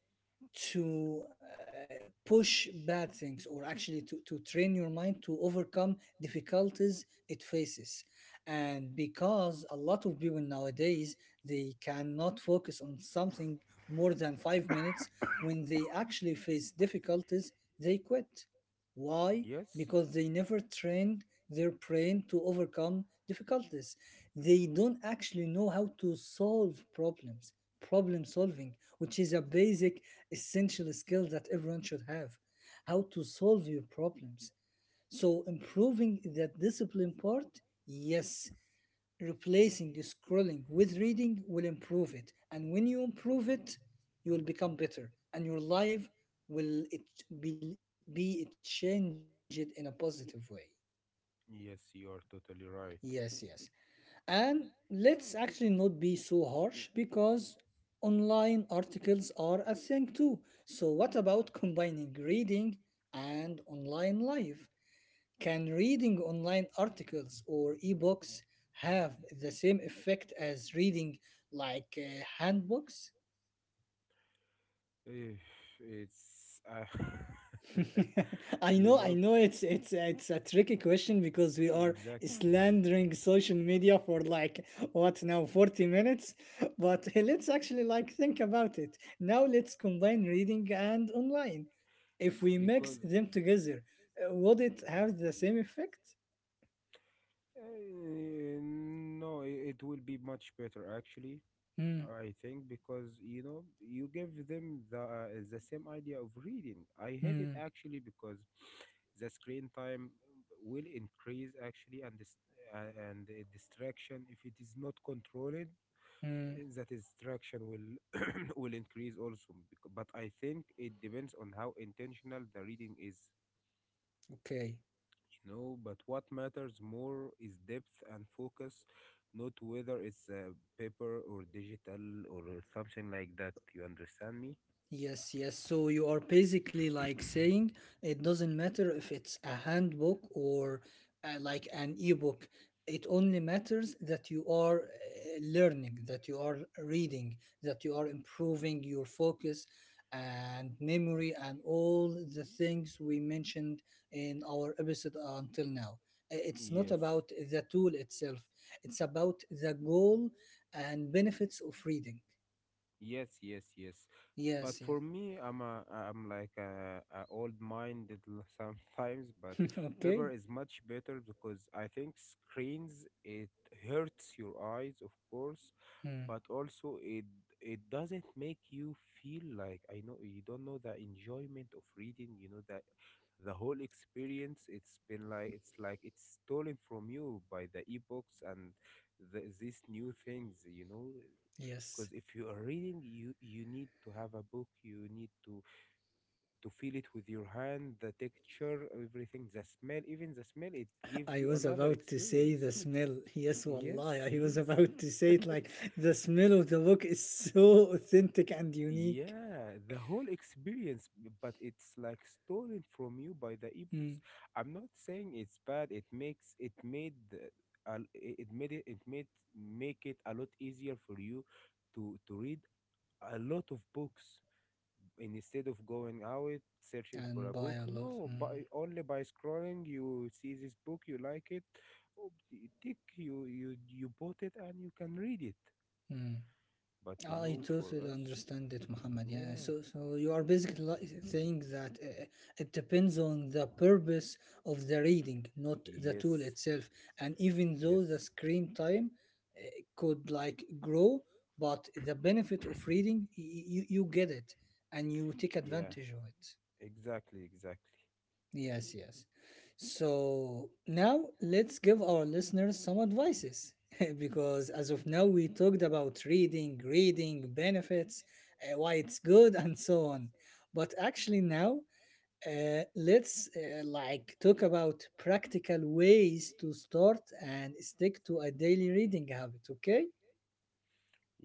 A: to push bad things, or actually to train your mind to overcome difficulties it faces. And because a lot of people nowadays, they cannot focus on something more than 5 minutes. When they actually face difficulties, they quit. Why?
B: Yes,
A: Because they never trained their brain to overcome difficulties. They don't actually know how to solve problems, problem solving, which is a basic, essential skill that everyone should have. How to solve your problems. So, improving that discipline part, yes, replacing the scrolling with reading will improve it. And when you improve it, you will become better. And your life will it be it changed in a positive way.
B: yes, you are totally
A: Yes,
B: right.
A: yes. And let's actually not be so harsh, because online articles are a thing too. So, what about combining reading and online life? Can reading online articles or ebooks have the same effect as reading like handbooks?
B: Eh, it's you know
A: I know it's a tricky question because we are
B: exactly
A: slandering social media for like what now 40 minutes, but let's actually like think about it. Now let's combine reading and online. If we
B: because
A: mix them together, would it have the same effect?
B: eh, no, it will be much better actually,
A: Hmm,
B: I think, because you know you give them the same idea of reading. I hate it
A: hmm,
B: actually because the screen time will increase actually and this and the distraction if it is not controlled,
A: hmm.
B: eh, that distraction will will increase also. But I think it depends on how intentional the reading is.
A: Okay.
B: No, but what matters more is depth and focus, not whether it's paper or digital or something like that. You understand me?
A: Yes, yes. So you are basically like saying it doesn't matter if it's a handbook or like an ebook. It only matters that you are learning, that you are reading, that you are improving your focus and memory and all the things we mentioned in our episode until now. It's
B: Yes.
A: not about the tool itself, it's about the goal and benefits of reading.
B: Yes, yes, yes. But
A: Yes, yeah.
B: for me, I'm like a old-minded sometimes. But paper
A: Okay.
B: is much better because I think screens it hurts your eyes, of course,
A: Hmm.
B: but also it doesn't make you feel like I know you don't know the enjoyment of reading, you know that the whole experience it's been like it's stolen from you by the ebooks and these new things.
A: Yes,
B: Because if you are reading, you need to have a book, you need to feel it with your hand, the texture, everything, the smell, even the smell, it gives
A: I
B: you
A: was
B: another
A: about to say the
B: experience.
A: smell. Yes,
B: Yes,
A: wallah, I was
B: yes.
A: about to say it like the smell of the book is so authentic and unique.
B: Yeah, the whole experience, but it's like stolen from you by the ebooks.
A: Mm.
B: I'm not saying it's bad. It it it made make it a lot easier for you to read a lot of books, and instead of going out searching for
A: And
B: a
A: by
B: book.
A: Allah.
B: No, by only by scrolling you see this book, you like it. Oh, you tick, you bought it, and you can read it.
A: Mm.
B: But
A: I
B: for
A: totally
B: us,
A: understand it, Muhammad. Yeah.
B: yeah.
A: So, so you are basically saying that it depends on the purpose of the reading, not the tool
B: Yes.
A: itself. And even though the
B: Yes.
A: screen time uh, could like grow, but the benefit of reading, you get it, and you take
B: Yeah.
A: advantage of it.
B: Exactly. Exactly.
A: Yes, yes. So now let's give our listeners some advices because as of now we talked about reading, reading benefits, why it's good, and so on. But actually now let's like talk about practical ways to start and stick to a daily reading habit. Okay,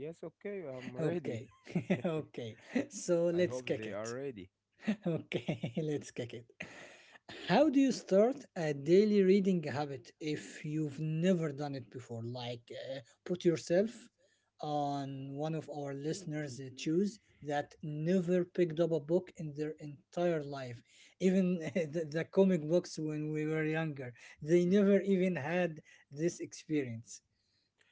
B: Yes. Okay. I'm
A: okay,
B: ready.
A: okay. So
B: I
A: let's
B: hope
A: kick
B: they
A: it.
B: are ready.
A: Okay, let's kick it. How do you start a daily reading habit if you've never done it before? Like, put yourself on one of our listeners' shoes that never picked up a book in their entire life. Even the comic books when we were younger, they never even had this experience.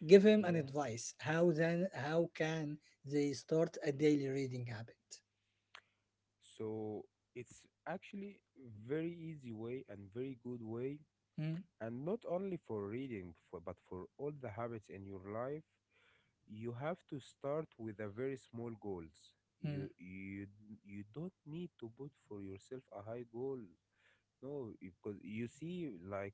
A: Give him an
B: Yeah.
A: advice. How then? How can they start a daily reading habit?
B: So it's actually very easy way and very good way,
A: Mm,
B: and not only for reading but for all the habits in your life, you have to start with a very small goals. You
A: mm,
B: You don't need to put for yourself a high goal. No, because you see like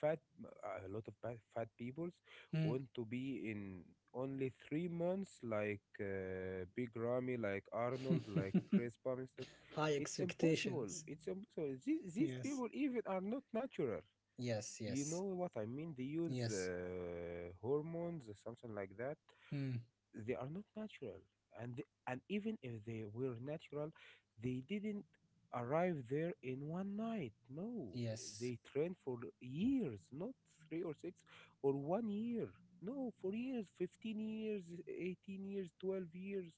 B: fat a lot of fat peoples
A: mm.
B: want to be in only 3 months like Big Ramy, like Arnold, like Chris Bumstead.
A: High
B: It's impossible,
A: expectations.
B: it's impossible. These people
A: Yes.
B: even are not natural.
A: Yes,
B: You know
A: yes,
B: what I mean? They use
A: yes.
B: hormones or something like that.
A: Mm,
B: They are not natural, and and even if they were natural, they didn't arrive there in one night. No, they
A: yes.
B: trained for years, not 3 or 6 or 1 year. No, for years, 15 years, 18 years, 12 years.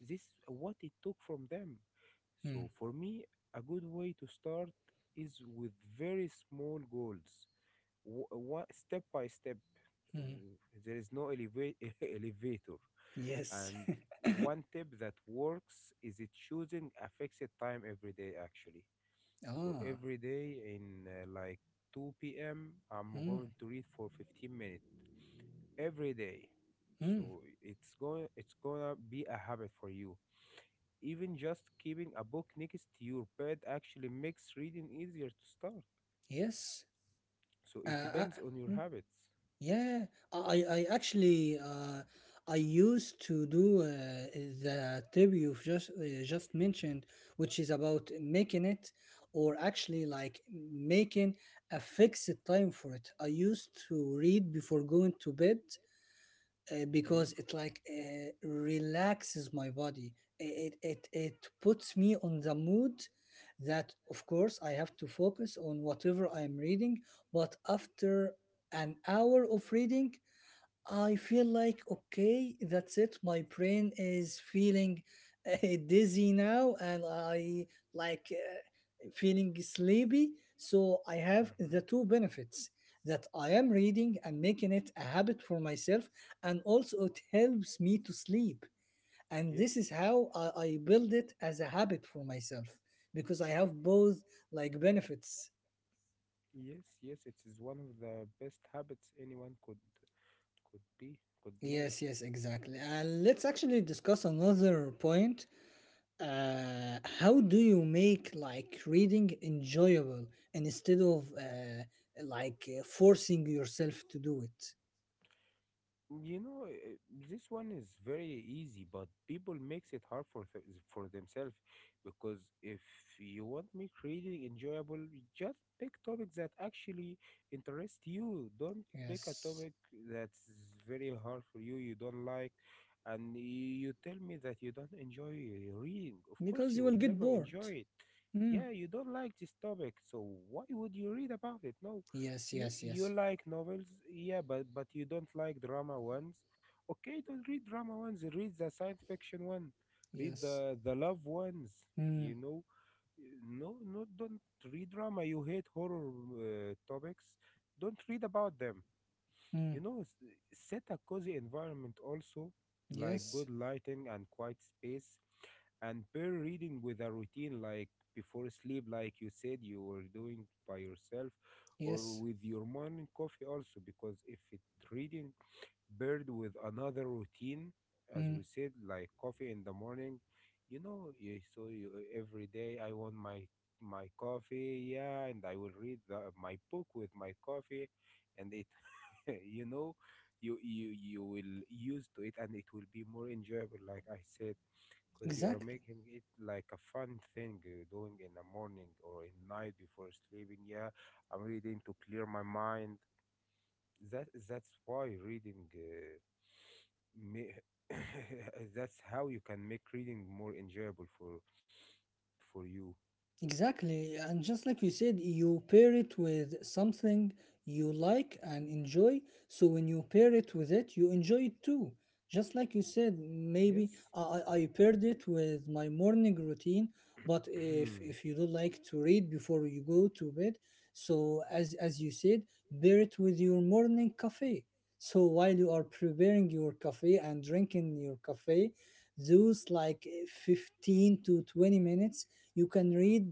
B: This is what it took from them.
A: Mm,
B: So for me, a good way to start is with very small goals, one step by step.
A: mm.
B: w- there is no elevator.
A: Yes.
B: And one tip that works is it choosing a fixed time every day, actually. So
A: Ah,
B: every day in like 2 p.m, I'm
A: mm,
B: going to read for 15 minutes every day.
A: mm,
B: So it's gonna be a habit for you. Even just keeping a book next to your bed actually makes reading easier to start.
A: yes.
B: So it
A: Uh, uh,
B: depends on your
A: mm,
B: habits.
A: yeah, I actually, I used to do the tip you've just mentioned, which is about making it, or actually like making a fixed time for it. I used to read before going to bed,
B: Hmm.
A: because it like relaxes my body. It puts me on the mood that of course I have to focus on whatever I am reading, but after an hour of reading, I feel like, okay, that's it. My brain is feeling dizzy now, and I like feeling sleepy. So I have
B: Hmm.
A: the two benefits that I am reading and making it a habit for myself, and also it helps me to sleep. And
B: And
A: this is
B: yes.
A: how I build it as a habit for myself, because I have both like benefits.
B: Yes, yes, it is one of the best habits anyone could
A: Yes,
B: make.
A: yes, exactly. And let's actually discuss another point. How do you make like reading enjoyable instead of forcing yourself to do it?
B: You know, this one is very easy, but people makes it hard for th for themselves, because if you want make reading enjoyable, you just pick topics that actually interest you. Don't pick a
A: Yes,
B: topic that's very hard for you, you don't like, and you tell me that you don't enjoy reading. Of course,
A: because you
B: you
A: will
B: will
A: get
B: never
A: bored.
B: enjoy it.
A: Hmm.
B: Yeah, you don't like this topic, so why would you read about it? No.
A: Yes,
B: You
A: yes,
B: you
A: yes,
B: like novels, yeah, but you don't like drama ones. Okay, don't read drama ones. Read the science fiction one. Read
A: yes.
B: the love ones.
A: Hmm.
B: You know, no, no, don't read drama. You hate horror topics. Don't read about them.
A: Hmm.
B: You know, set a cozy environment also, like
A: Yes,
B: good lighting and quiet space, and pair reading with a routine like before sleep, like you said you were doing by yourself, or
A: yes.
B: with your morning coffee also, because if it reading paired with another routine, as
A: Hmm.
B: we said, like coffee in the morning. you know, you, so you, every day I want my coffee, yeah, and I will read my book with my coffee, and it you know you you will use to it, and it will be more enjoyable, like I said, because you are
A: Exactly.
B: making it like a fun thing you're doing in the morning or in night before sleeping. Yeah, I'm reading to clear my mind. That that's why reading ma- That's how you can make reading more enjoyable for you.
A: Exactly. And just like you said, you pair it with something you like and enjoy. So when you pair it with it, you enjoy it too. Just like you said, maybe
B: Yes.
A: I paired it with my morning routine. But if you do not like to read before you go to bed, so as you said, pair it with your morning cafe. So while you are preparing your cafe and drinking your cafe, those like 15 to 20 minutes you can read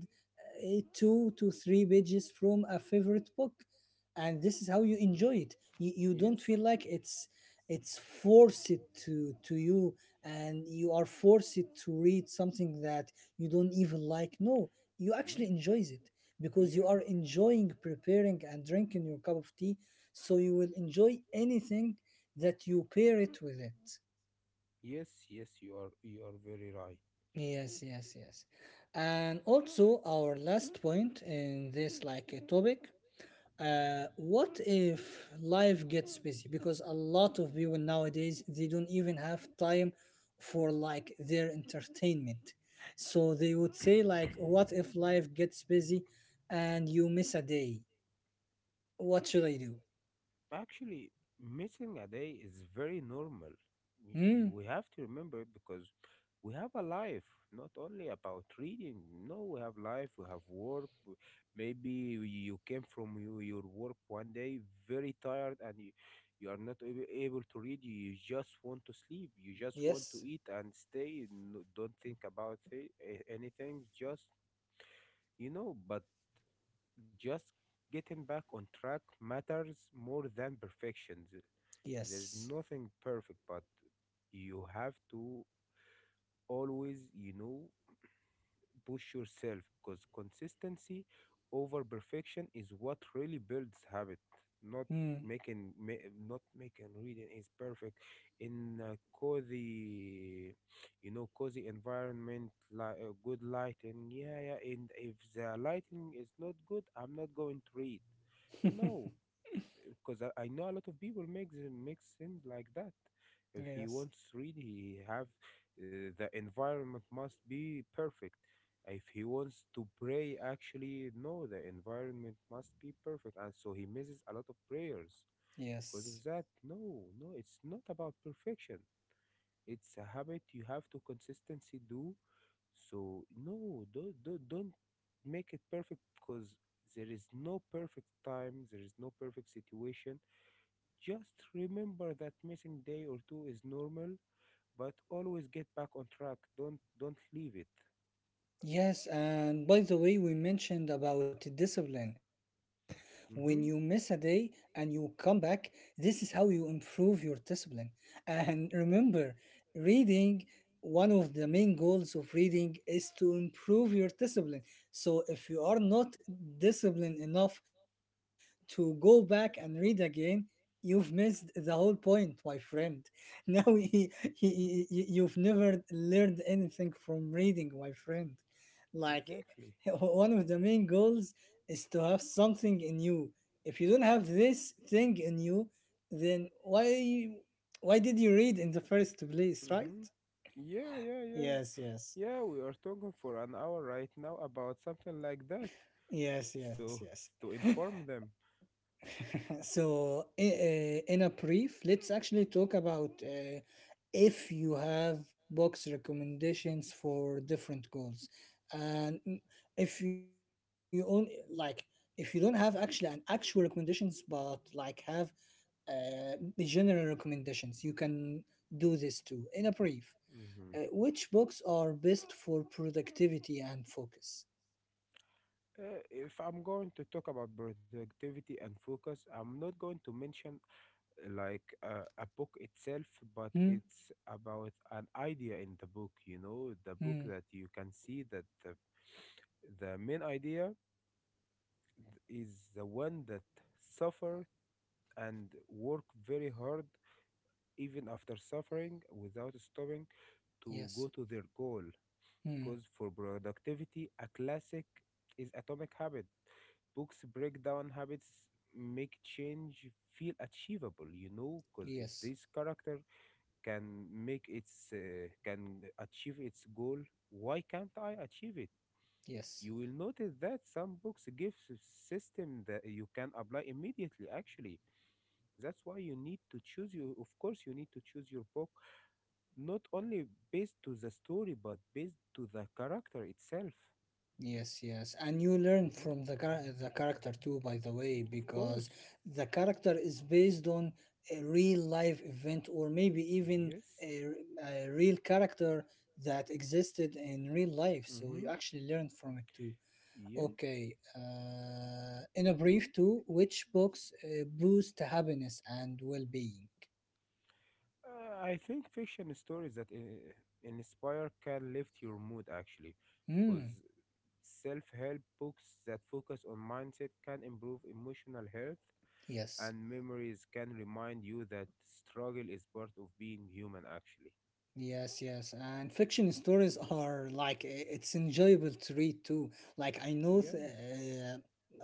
A: two to three pages from a favorite book. And this is how you
B: Mhm.
A: enjoy it. You don't
B: Yes.
A: feel like it's forced to you, and you are forced to read something that you don't even like. No, you
B: No.
A: actually enjoys it, because you
B: Yeah.
A: are enjoying preparing and drinking your cup of tea. So you will enjoy anything that you pair it with it.
B: Yes, yes, you are very right.
A: Yes, yes, yes. And also our last point in this like a topic, what if life gets busy? Because a lot of people nowadays they don't even have time for like their entertainment. So they would say like, what if life gets busy and you miss a day? What should I do?
B: Actually, missing a day is very normal.
A: Hmm?
B: We have to remember, because we have a life, not only about reading. No, we have life, we have work. Maybe you came from your work one day very tired, and you are not able to read. You just want to sleep. You just want to
A: Yes.
B: eat and stay. No, don't think about it, anything. Just but just getting back on track matters more than perfection. There's
A: Yes.
B: nothing perfect, but you have to always, push yourself because consistency over perfection is what really builds habit, not
A: Hmm.
B: making reading is perfect in a cozy, cozy environment, like good lighting. Yeah, yeah. And if the lighting is not good, I'm not going to read, no, because I know a lot of people make things like that. If he
A: Yes.
B: wants really, he have the environment must be perfect. If he wants to pray, actually, no, the environment must be perfect, and so he misses a lot of prayers because
A: Yes.
B: of that. No, no, it's not about perfection. It's a habit you have to consistency do. So no, don't make it perfect, because there is no perfect time, there is no perfect situation. Just remember that missing day or two is normal, but always get back on track. Don't leave it.
A: Yes, and by the way, we mentioned about discipline. When you miss a
B: Mm-hmm.
A: day and you come back, this is how you improve your discipline. And remember, reading, one of the main goals of reading is to improve your discipline. So if you are not disciplined enough to go back and read again, you've missed the whole point, my friend. Now
B: Mm-hmm.
A: you've never learned anything from reading, my friend. Like
B: Exactly.
A: one of the main goals is to have something in you. If you don't have this thing in you, then why did you read in the first place, right?
B: Mm-hmm. Yeah, yeah, yeah.
A: Yes, yes.
B: Yeah, we are talking for an hour right now about something like that.
A: Yes, yes,
B: So,
A: yes.
B: to inform them.
A: So, in a brief, let's actually talk about if you have box recommendations for different goals, and if you only like, if you don't have actually an actual recommendations, but like have uh, general recommendations. You can do this too. In a brief,
B: Hmm.
A: which books are best for productivity and focus?
B: If I'm going to talk about productivity and focus, I'm not going to mention like a book itself, but
A: Hmm?
B: it's about an idea in the book, you know, the book
A: Hmm.
B: that you can see, that the main idea is the one that suffered and work very hard even after suffering without stopping to
A: Yes.
B: go to their goal,
A: Hmm.
B: because for productivity, a classic is Atomic Habit. Books break down habits, make change feel achievable, you know, because if
A: Yes.
B: this character can make its can achieve its goal, why can't I achieve it?
A: Yes.
B: You will notice that some books give system that you can apply immediately, actually. That's why you need to choose, you of course you need to choose your book, not only based to the story, but based to the character itself.
A: Yes, yes. And you learn
B: Hmm.
A: from the, the character too, by the way,
B: Of
A: because
B: course.
A: the character is based on a real life event, or maybe even
B: Yes.
A: a real character that existed in real life. So you
B: Mm-hmm.
A: actually learn from it too.
B: Yeah.
A: Okay. In a brief, too, which books boost happiness and well being?
B: I think fiction stories that inspire can lift your mood, actually,
A: Hmm.
B: because self-help books that focus on mindset can improve emotional health,
A: Yes.
B: and memories can remind you that struggle is part of being human, actually.
A: Yes, yes. And fiction
B: Hmm.
A: stories are like it's enjoyable to read too. Like I know
B: Yeah.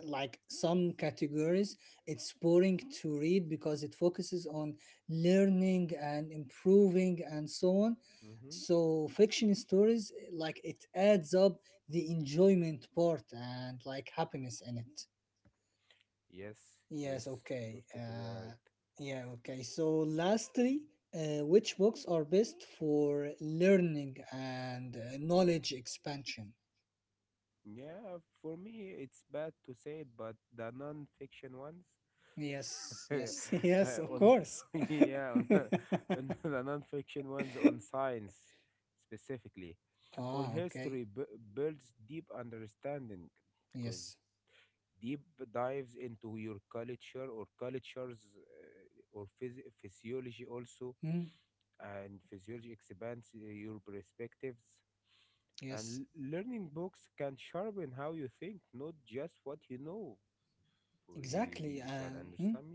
A: like some categories it's boring to read because it focuses on learning and improving and so on.
B: Mm-hmm.
A: So fiction stories like it adds up the enjoyment part and like happiness in it.
B: Yes,
A: Yes,
B: yes, you're
A: okay.
B: totally right.
A: Yeah, okay. So, lastly, which books are best for learning and knowledge expansion?
B: Yeah, for me, it's bad to say it, but the non-fiction ones.
A: Yes, yes, yes, of
B: On
A: course.
B: Yeah. And the nonfiction ones on science specifically, or
A: Ah, okay.
B: history builds deep understanding, because
A: Yes.
B: deep dives into your culture or cultures, or physiology also,
A: Mm,
B: and physiology expands your perspectives.
A: yes,
B: And learning books can sharpen how you think, not just what you know. For you, you
A: exactly.
B: you can
A: Mm.
B: understand me.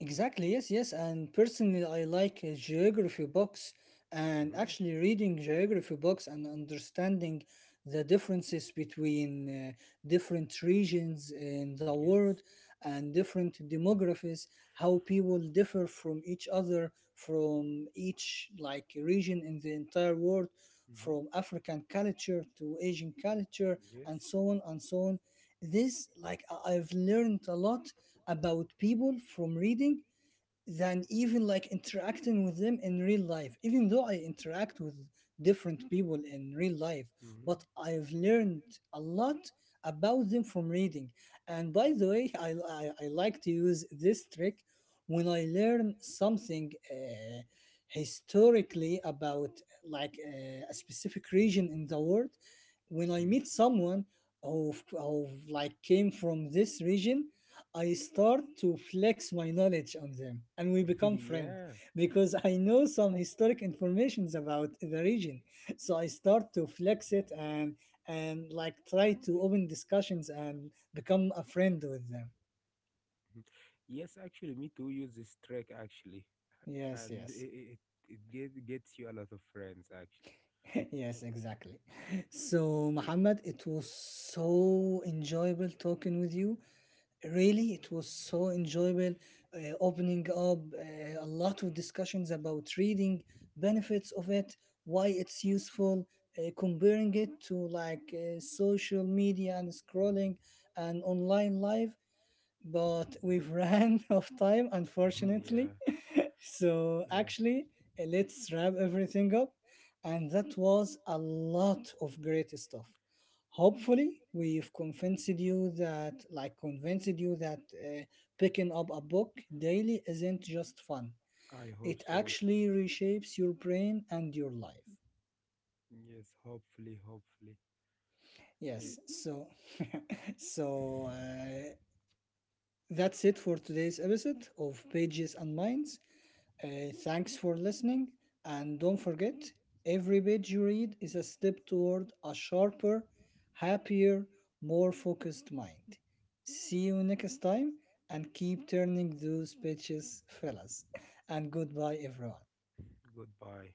A: Exactly, yes, yes. And personally, I like geography books, and
B: Hmm.
A: actually reading geography books and understanding the differences between different regions in the
B: Yes.
A: world and different demographies, how people differ from each other, from each like region in the entire world, from African culture to Asian culture, and so on and so on. This, like, I've learned a lot about people from reading than even like interacting with them in real life, even though I interact with different people in real life. But I've learned a
B: Mhm.
A: lot about them from reading. And by the way, I like to use this trick. When I learn something historically about like a specific region in the world, when I meet someone who, like came from this region, I start to flex my knowledge on them and we
B: that
A: become friends,
B: Yeah.
A: because I know some historic informations about the region. So I start to flex it, and like try to open discussions and become a friend with them.
B: Yes, actually, me too use this track, actually,
A: Yes,
B: and
A: yes.
B: it gets you a lot of friends, actually.
A: Yes, exactly. So, Muhammad, it was so enjoyable talking with you. Really, it was so enjoyable opening up a lot of discussions about reading, benefits of it, why it's useful, comparing it to like social media and scrolling and online life.
B: But
A: But we've ran out of time, unfortunately. So
B: unfortunately.
A: actually, let's wrap everything up. And that was a lot of great stuff. Hopefully, we've convinced you that, like, convinced you that picking up a book daily isn't just fun.
B: Hope
A: It
B: It
A: actually reshapes your brain and your life.
B: Yes. Hopefully. Hopefully. Eh,
A: Yes. So, so that's it for today's episode of Pages and Minds. Thanks for listening, and don't forget every page you read is a step toward a sharper, happier, more focused mind. See you next time, and keep turning those pages, fellas. And goodbye, everyone.
B: Goodbye.